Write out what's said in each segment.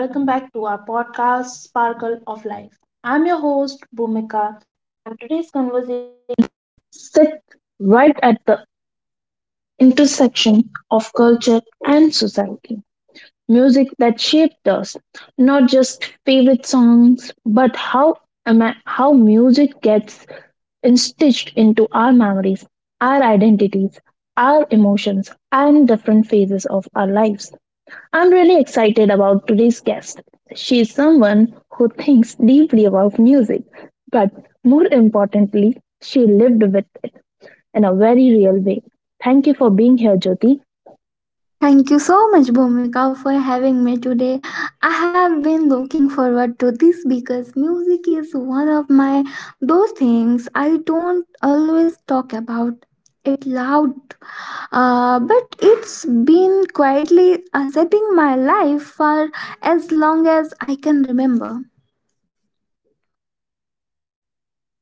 Hello and welcome back to our podcast, Sparkle of Life. I'm your host, Bhumika. Sit right at the intersection of culture and society. Music that shaped us, not just favorite songs, but how music gets stitched into our memories, our identities, our emotions, and different phases of our lives. I'm really excited about today's guest. She is someone who thinks deeply about music, but more importantly, she lived with it in a very real way. Thank you for being here, Jyoti. Thank you so much, Bhumika, for having me today. I have been looking forward to this because music is one of my those things I don't always talk about it loud, but it's been quietly shaping my life for as long as I can remember.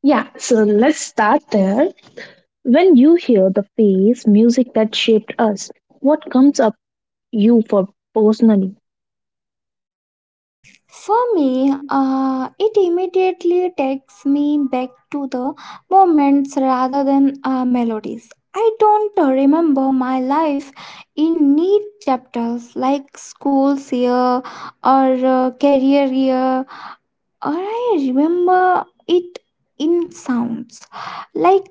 Yeah, so let's start there. When you hear the phrase music that shaped us, what comes up you for personally? For me, it immediately takes me back to the moments rather than melodies. I don't remember my life in neat chapters like school's year or career year, or I remember it in sounds like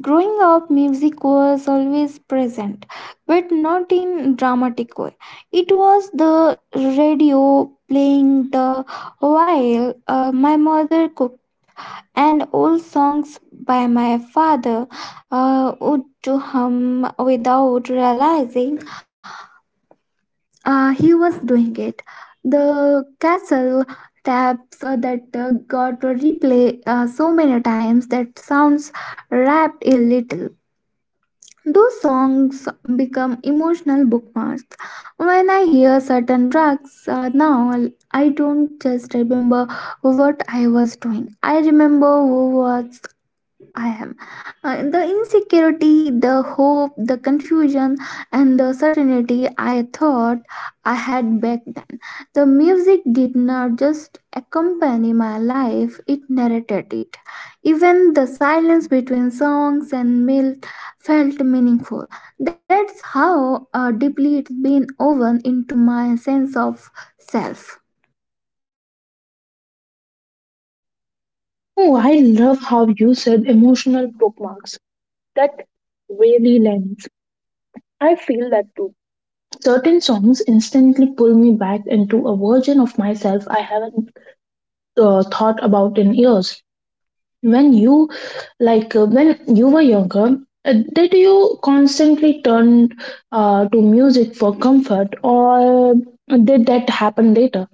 growing up, music was always present, but not in dramatic way. It was the radio playing the while my mother cooked, and old songs by my father would to hum without realizing he was doing it. The castle taps that got replay so many times that sounds rapped a little those songs become emotional bookmarks. When I hear certain tracks now, I don't just remember what I was doing. I remember who was I am. The insecurity, the hope, the confusion, and the certainty I thought I had back then. The music did not just accompany my life, it narrated it. Even the silence between songs and meals felt meaningful. That's how deeply it's been woven into my sense of self. Oh, I love how you said emotional bookmarks. That really lands. I feel that too. Certain songs instantly pull me back into a version of myself I haven't thought about in years. When you, when you were younger, did you constantly turn to music for comfort, or did that happen later?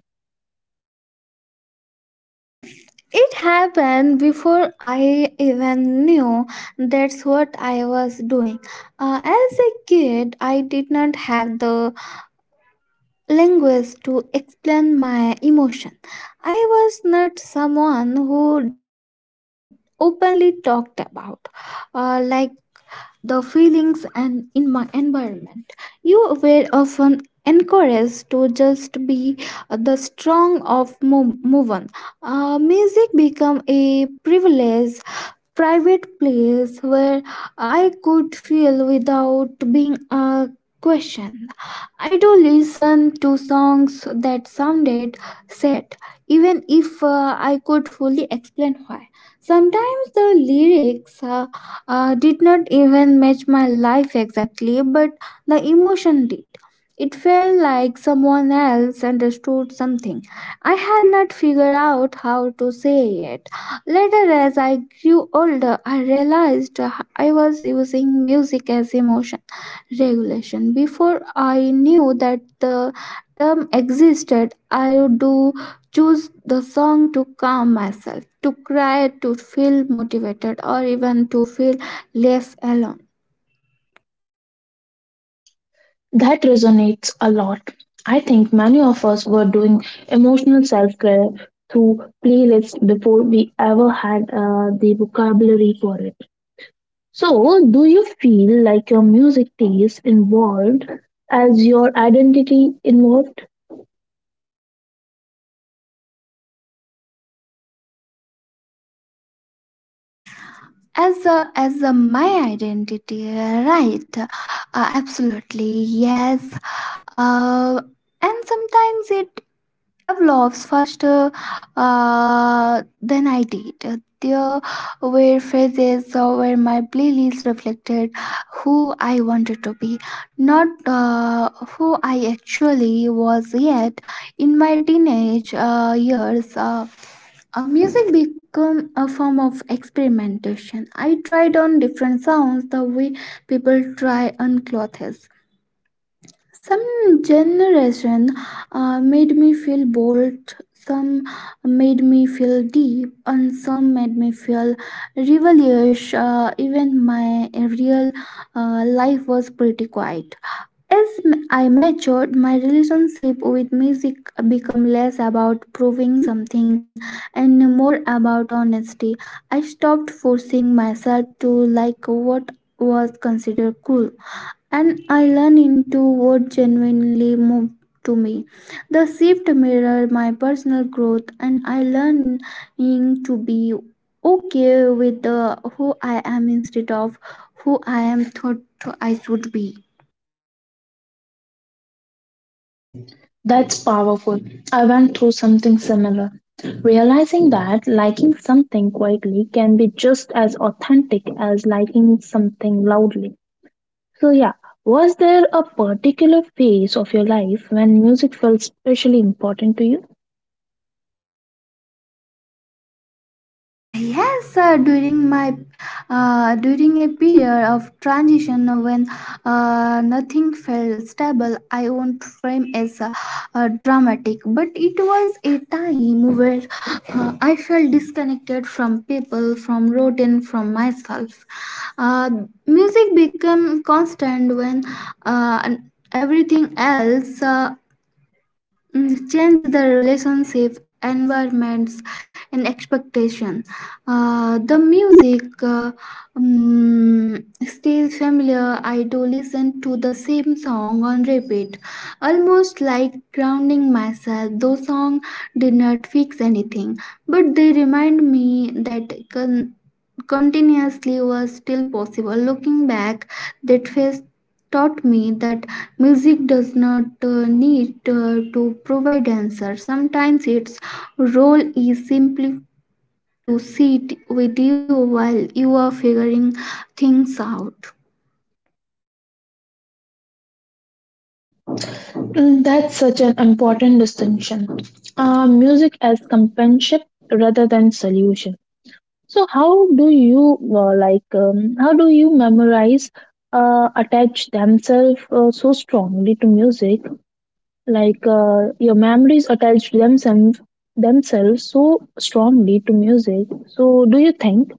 It happened before I even knew that's what I was doing. As a kid, I did not have the language to explain my emotion. I was not someone who openly talked about, like the feelings and in my environment. You were often encouraged to just be the strong of move on. Music became a privilege, private place where I could feel without being a question. I do listen to songs that sounded sad, even if I could fully explain why. Sometimes the lyrics did not even match my life exactly, but the emotion did. It felt like someone else understood something. I had not figured out how to say yet. Later, as I grew older, I realized I was using music as emotion regulation. Before I knew that the term existed, I do choose the song to calm myself, to cry, to feel motivated, or even to feel less alone. That resonates a lot. I think many of us were doing emotional self care through playlists before we ever had the vocabulary for it. So, do you feel like your music taste involved as your identity involved? As a my identity right, absolutely yes, uh, and sometimes it evolves faster than I did. There were phases where my playlist reflected who I wanted to be, not who I actually was yet. In my teenage years, music become a form of experimentation. I tried on different sounds the way people try on clothes. Some generation made me feel bold, some made me feel deep, and some made me feel rebellious. Even my real life was pretty quiet. As I matured, my relationship with music became less about proving something and more about honesty. I stopped forcing myself to like what was considered cool, and I learned into what genuinely moved to me. The shift mirrored my personal growth, and I learned to be okay with the who I am instead of who I am thought I should be. That's powerful. I went through something similar. Realizing that liking something quietly can be just as authentic as liking something loudly. So, yeah, was there a particular phase of your life when music felt especially important to you? Yes, during my during a period of transition when nothing felt stable, I won't frame as dramatic, but it was a time where I felt disconnected from people, from routine, from myself. Uh, music became constant when uh, everything else change the relationship environments and expectation. The music, mm, stays familiar. I do listen to the same song on repeat almost like grounding myself. Those song did not fix anything, but they remind me that continuously was still possible. Looking back, that phase taught me that music does not need to provide answers. Sometimes its role is simply to sit with you while you are figuring things out. Mm, that's such an important distinction. Music as companionship rather than solution. So how do you memorize attach themselves so strongly to music? Your memories attach themselves so strongly to music. So do you think?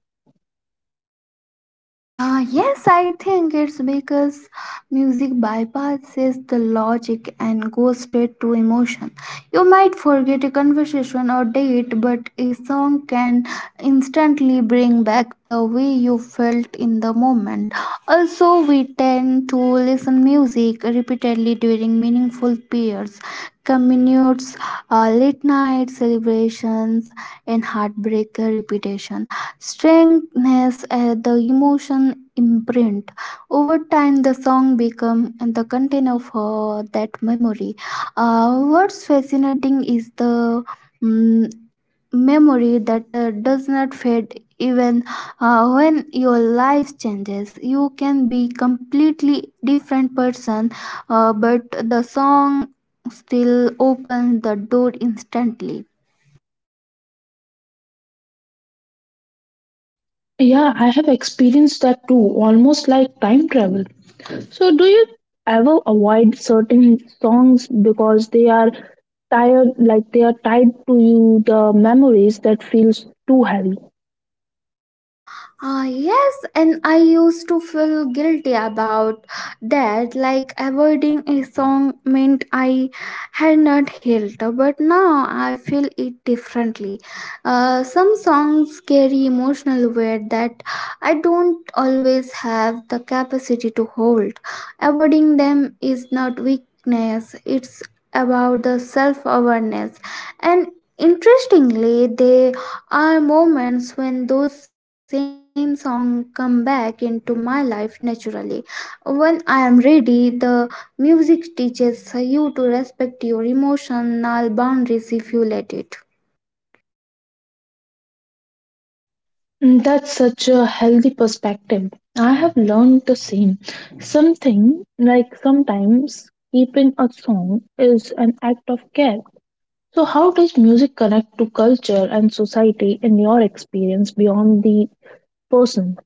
Ah, yes, I think it's because music bypasses the logic and goes straight to emotion. You might forget a conversation or date, but a song can instantly bring back the way you felt in the moment. Also, we tend to listen music repeatedly during meaningful periods, commutes, late night celebrations, and heartbreak. Repetition strengthens the emotion imprint. Over time the song become the content of that memory. What's fascinating is the mm, memory that does not fade even when your life changes. You can be completely different person, but the song still opens the door instantly. Yeah, I have experienced that too, almost like time travel. So do you ever avoid certain songs because they are tired like they are tied to you the memories that feels too heavy? Ah, yes, and I used to feel guilty about that, like avoiding a song meant I had not healed. But now I feel it differently. Some songs carry emotional weight that I don't always have the capacity to hold. Avoiding them is not weakness, it's about the self awareness. And interestingly, they are moments when those same songs come back into my life naturally. When I am ready, the music teaches you to respect your emotional boundaries if you let it. Mm, that's such a healthy perspective. I have learned the same. Something like sometimes keeping a song is an act of care. So, how does music connect to culture and society in your experience beyond the person?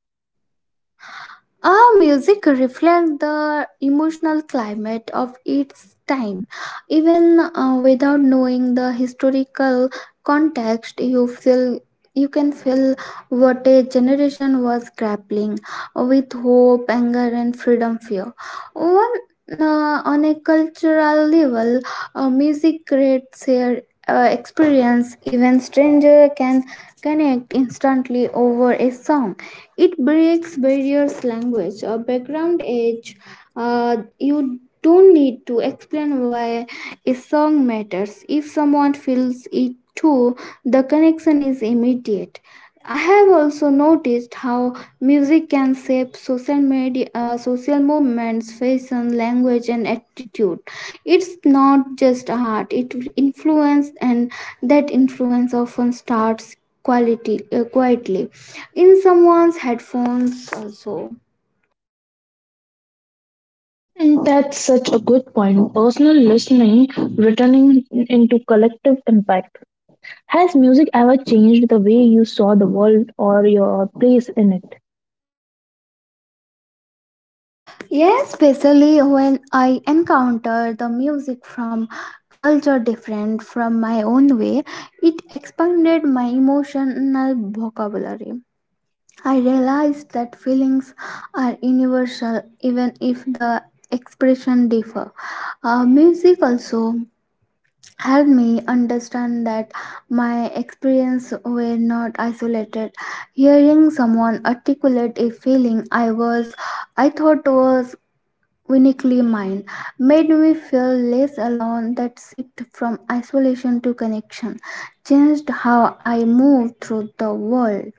Our music reflects the emotional climate of its time. Even without knowing the historical context, you feel you can feel what a generation was grappling with. Hope, anger, and freedom fear. One on a cultural level, music creates a experience. Even stranger can connect instantly over a song. It breaks barriers, language, or background age. You don't need to explain why a song matters. If someone feels it too, the connection is immediate. I have also noticed how music can shape social media, social movements, fashion, language, and attitude. It's not just art; it influence, and that influence often starts quality quietly in someone's headphones also. Mm, that's such a good point. Personal listening, returning into collective impact. Has music ever changed the way you saw the world or your place in it? Yes, especially when I encounter the music from culture different from my own way, it expanded my emotional vocabulary. I realized that feelings are universal even if the expression differ. Music also helped me understand that my experience were not isolated. Hearing someone articulate a feeling I thought was uniquely mine made me feel less alone. That shift from isolation to connection changed how I moved through the world.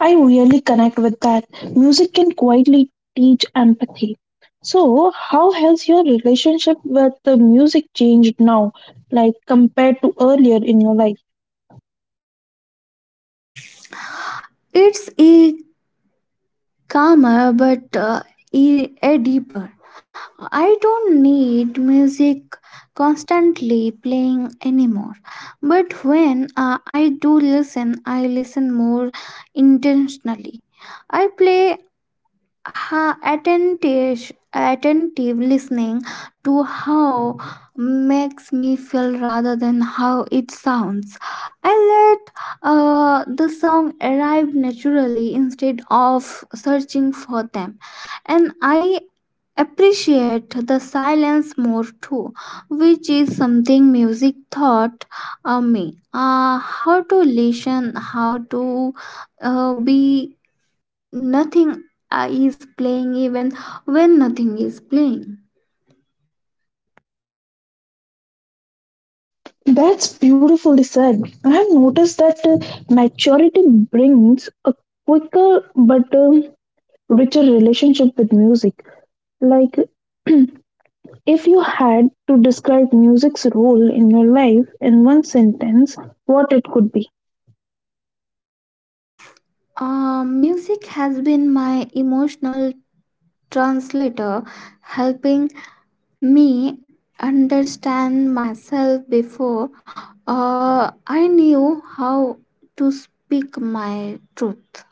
I really connect with that. Music can quietly teach empathy. So, how has your relationship with the music changed now, like compared to earlier in your life? It's a calmer but a deeper. I don't need music constantly playing anymore. But when I do listen, I listen more intentionally. I play attentive listening to how makes me feel rather than how it sounds. I let the song arrive naturally instead of searching for them, and I appreciate the silence more too, which is something music taught me. How to listen, how to be nothing is playing even when nothing is playing. That's beautifully said. I have noticed that maturity brings a quicker but richer relationship with music. Like, if you had to describe music's role in your life in one sentence, what it could be? Music has been my emotional translator, helping me understand myself before I knew how to speak my truth.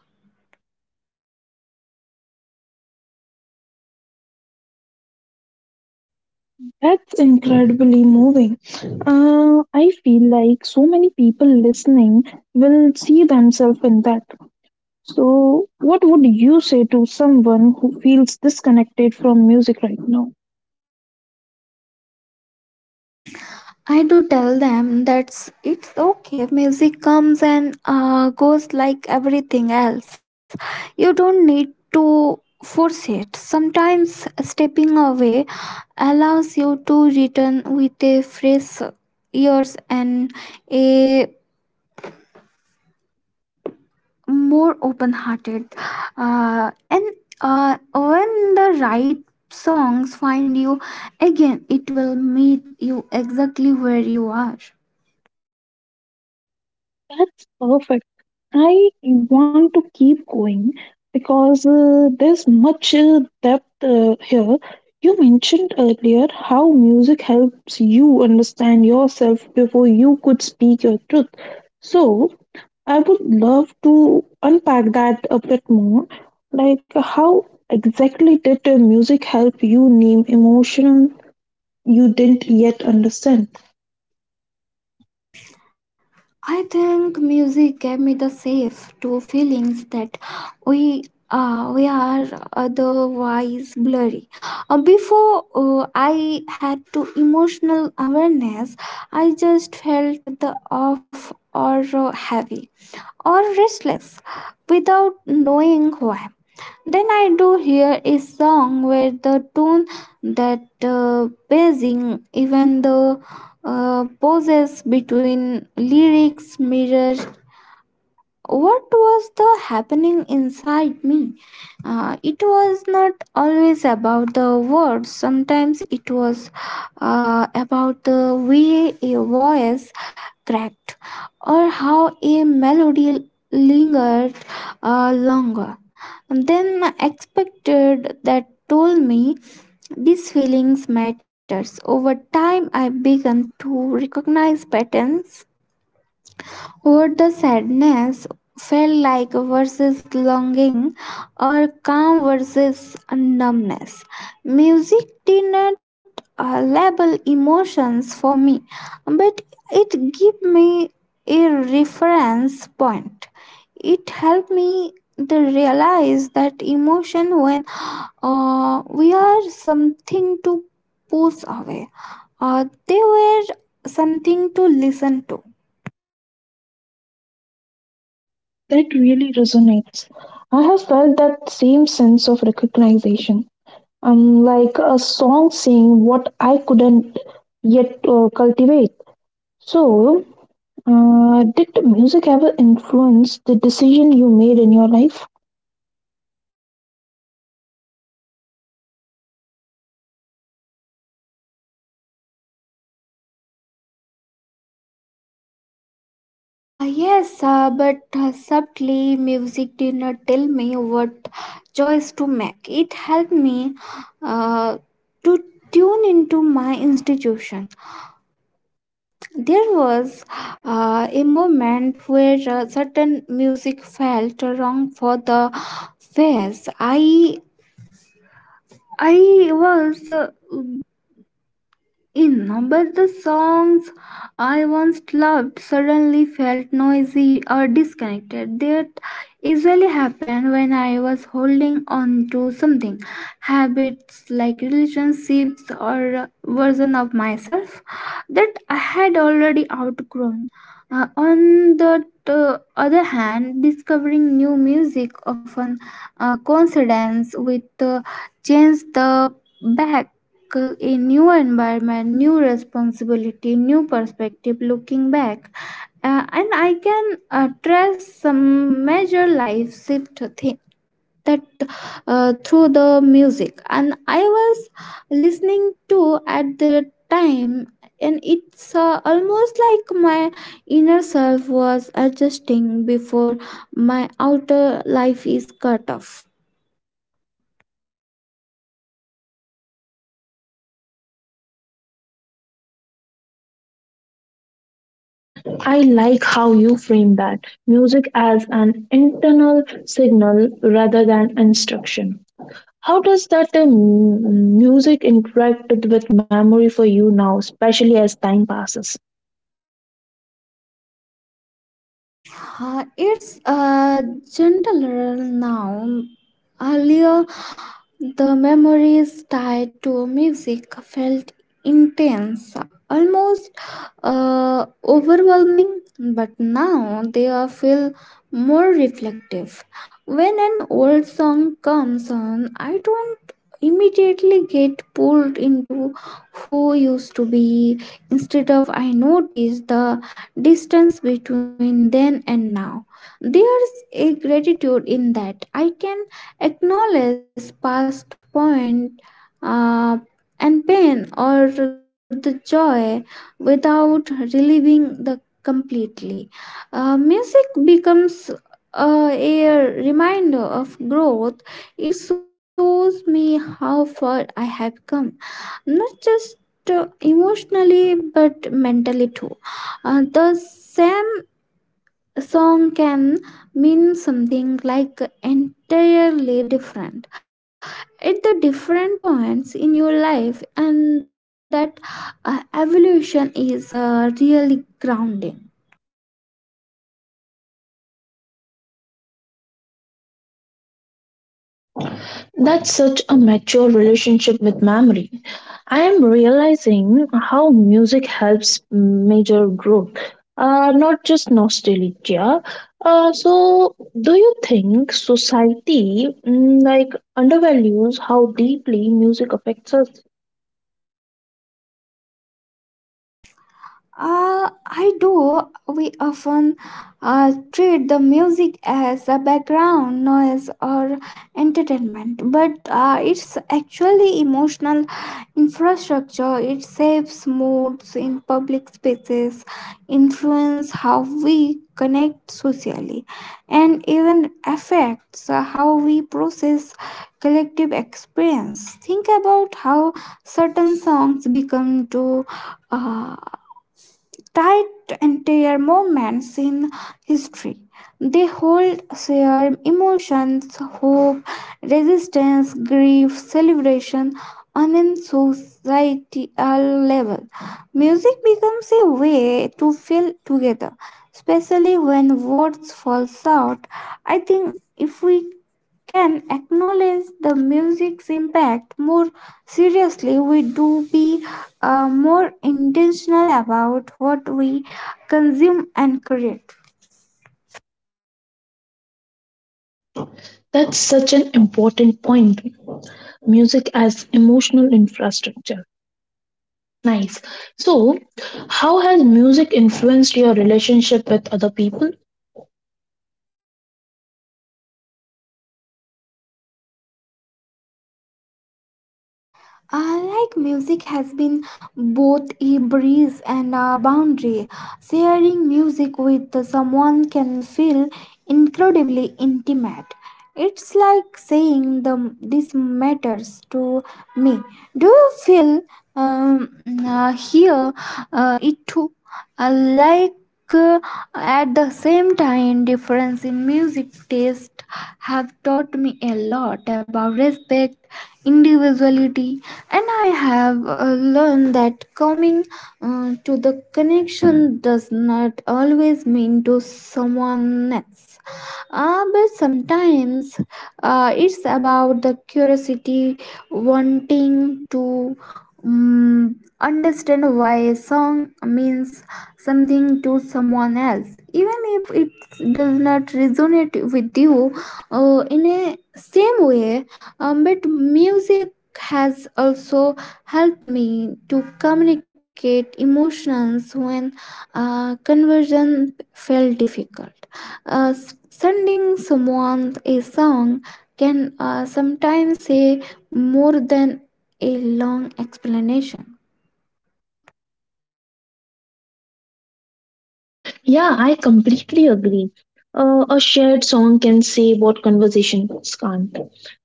That's incredibly moving. I feel like so many people listening will see themselves in that. So, what would you say to someone who feels disconnected from music right now? I do tell them that's it's okay. Music comes and goes like everything else. You don't need to force it. Sometimes stepping away allows you to return with a fresh ears and a more open-hearted. And when the right songs find you again, it will meet you exactly where you are. That's perfect. I want to keep going because there's much depth here. You mentioned earlier how music helps you understand yourself before you could speak your truth. So, I would love to unpack that a bit more. Like, how exactly did the music help you name emotion you didn't yet understand? I think music gave me the safe to feelings that we we are otherwise blurry. Before I had to emotional awareness, I just felt the off or heavy or restless without knowing why. Then I do hear a song where the tune that buzzing, even the pauses between lyrics mirrors what was the happening inside me. It was not always about the words. Sometimes it was about the way a voice cracked or how a melody lingered longer than expected. That told me these feelings matters. Over time I began to recognize patterns, what the sadness felt like versus longing, or calm versus numbness. Music did not label emotions for me, but it gave me a reference point. It helped me to realize that emotion when we are something to push away, they were something to listen to. That really resonates. I have felt that same sense of recognition. Like a song saying what I couldn't yet cultivate. So, did the music ever influence the decision you made in your life? Ah, yes, but subtly music did not tell me what choice to make. It helped me uh, to tune into my institution. There was a moment where certain music felt wrong for the phase. I was remember the songs I once loved suddenly felt noisy or disconnected. That usually happened when I was holding on to something, habits like relationships or a version of myself that I had already outgrown. On the other hand, discovering new music often coincides with change the back a new environment, new responsibility, new perspective. Looking back, and I can trace some major life shift thing that through the music and I was listening to at the time. And it's almost like my inner self was adjusting before my outer life is cut off. I like how you frame that music as an internal signal rather than instruction. How does that music interact with memory for you now, especially as time passes? It's a gentler now. Earlier, the memories tied to music felt intense, almost overwhelming, but now they are feel more reflective. When an old song comes on, I don't immediately get pulled into who used to be. Instead of, I notice the distance between then and now. There's a gratitude in that. I can acknowledge past point uh, and pain or the joy without reliving the completely. Music becomes a reminder of growth. It shows me how far I have come, not just emotionally but mentally too. The same a song can mean something like entirely different at the different points in your life, and that evolution is really grounding. That's such a mature relationship with memory. I am realizing how music helps major growth, not just nostalgia. So, do you think society like undervalues how deeply music affects us? I do. We often treat the music as a background noise or entertainment, but it's actually emotional infrastructure. It shapes moods in public spaces, influence how we connect socially, and even affects how we process collective experience. Think about how certain songs become to uh, tied to entire moments in history. They hold shared emotions, hope, resistance, grief, celebration on a societal level. Music becomes a way to feel together, especially when words fall short. I think if we can acknowledge the music's impact more seriously, we do be more intentional about what we consume and create. That's such an important point. Music as emotional infrastructure. Nice. So, how has music influenced your relationship with other people? Like music has been both a breeze and a boundary. Sharing music with someone can feel incredibly intimate. It's like saying the, this matters to me. Do you feel um, here it too? Like uh, at the same time, difference in music taste have taught me a lot about respect individuality, and I have learned that coming to the connection does not always mean to someone else, but sometimes it's about the curiosity wanting to understand why a song means something to someone else, even if it does not resonate with you in a same way. But music has also helped me to communicate emotions when conversion felt difficult. Sending someone a song can sometimes say more than a long explanation. Yeah, I completely agree. A shared song can say what conversations can't.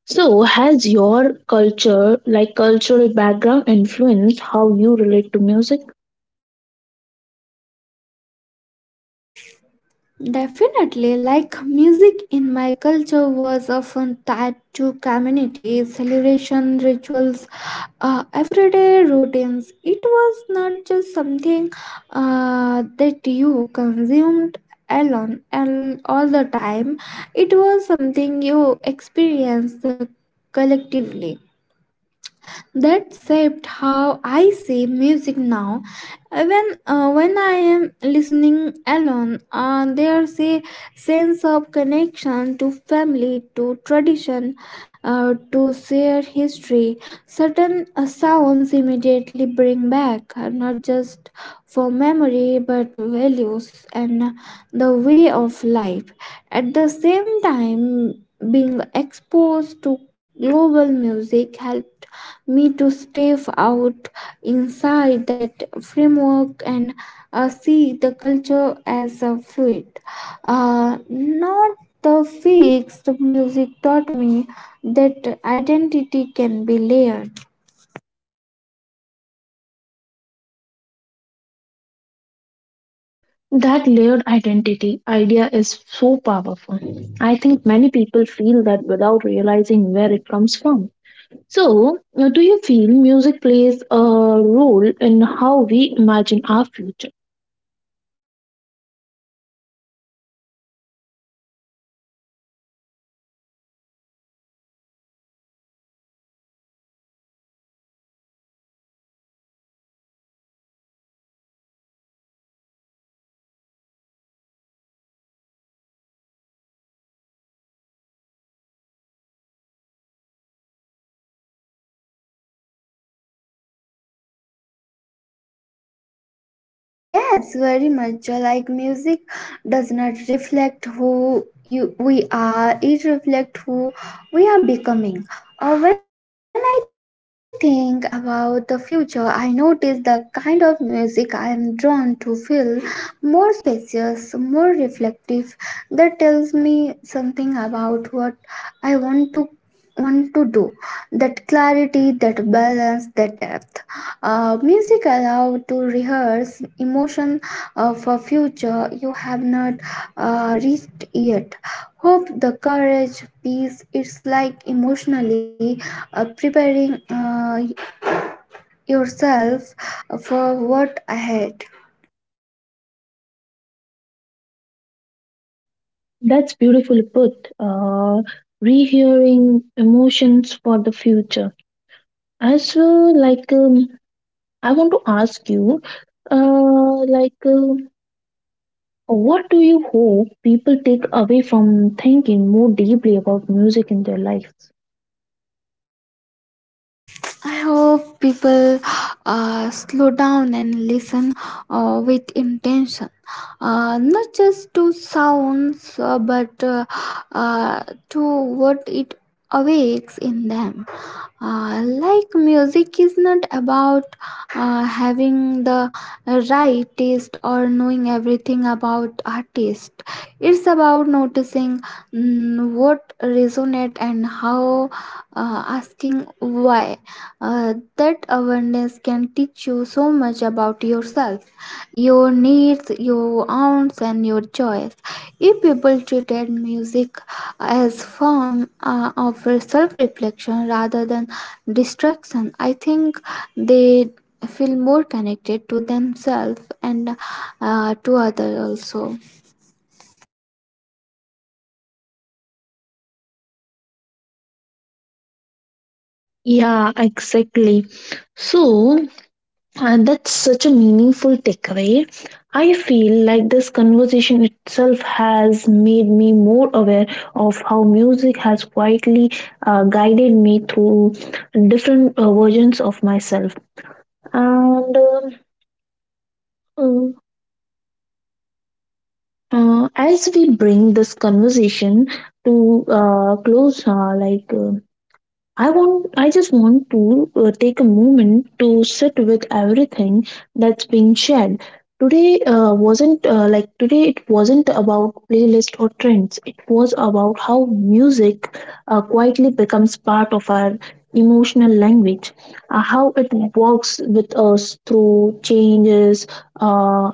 So, has your culture, like cultural background, influenced how you relate to music? Definitely, like music in my culture was often tied to community celebration rituals, everyday routines. It was not just something that you consumed alone and all the time. It was something you experienced collectively that shaped how I see music now. Even when I am listening alone, there's a sense of connection to family, to tradition, to shared history. Certain sounds immediately bring back not just for memory but values and the way of life. At the same time, being exposed to global music helps me to step out inside that framework and see the culture as a fluid, not the fixed music taught me that identity can be layered. That layered identity idea is so powerful. I think many people feel that without realizing where it comes from. So, do you feel music plays a role in how we imagine our future? Ah, yes, very much. Like music does not reflect who you we are, it reflects who we are becoming. When I think about the future, I notice the kind of music I am drawn to feel more spacious, more reflective. That tells me something about what I want to do. That clarity, that balance, that depth. Music allow to rehearse emotion of a future you have not reached yet. Hope, the courage, peace. It's like emotionally preparing yourself for what ahead. That's beautifully put. Rehearing emotions for the future. As well, like, um, I want to ask you, uh, like, um What do you hope people take away from thinking more deeply about music in their lives? I hope people slow down and listen with intention, not just to sounds, but uh, to what it awakes in them. Like music is not about having the right taste or knowing everything about artist. It's about noticing what resonate, and how, asking why. That awareness can teach you so much about yourself, your needs, your wants, and your joys. If people treated music as form of self-reflection rather than distraction, I think they feel more connected to themselves and to others also. Yeah, exactly. So, and that's such a meaningful takeaway. I feel like this conversation itself has made me more aware of how music has quietly guided me through different versions of myself. And um, as we bring this conversation to close, I just want to take a moment to sit with everything that's been shared. Today It wasn't about playlist or trends. It was about how music quietly becomes part of our emotional language, how it works with us through changes, uh,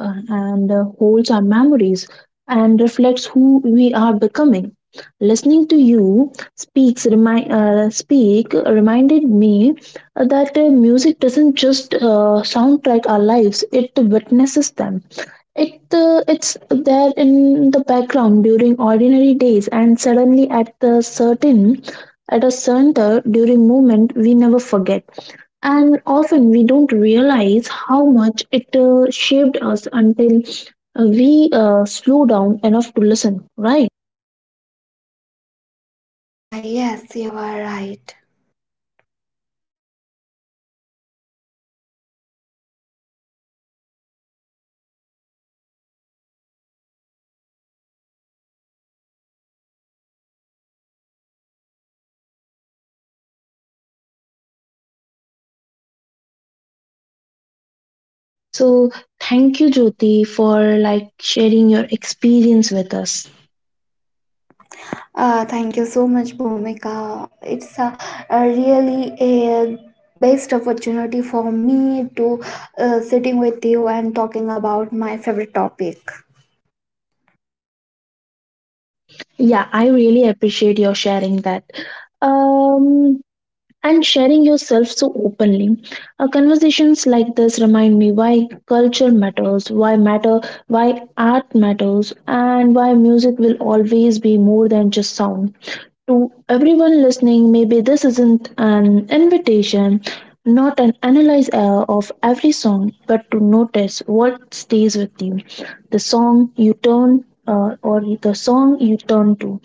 and holds our memories and reflects who we are becoming. Listening to you speak reminded me that music doesn't just soundtrack our lives; it witnesses them. It's there in the background during ordinary days, and suddenly at the certain at a center during movement we never forget, and often we don't realize how much it shaped us until we slow down enough to listen, right? Ah, yes, you are right. So thank you, Jyoti, for like sharing your experience with us. Thank you so much, Bhumika. It's a really a best opportunity for me to sitting with you and talking about my favorite topic. Yeah, I really appreciate your sharing that. Um, and sharing yourself so openly. Conversations like this remind me why culture matters, why matter, why art matters, and why music will always be more than just sound. To everyone listening, maybe this isn't an invitation, not an analyze of every song, but to notice what stays with you, the song you turn or the song you turn to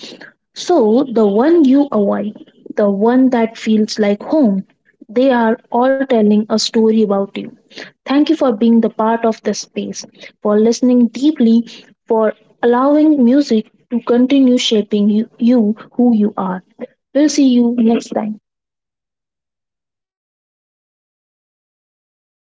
so, the one you avoid, the one that feels like home, they are all telling a story about you. Thank you for being the part of the space, for listening deeply, for allowing music to continue shaping you, you who you are. We'll see you next time.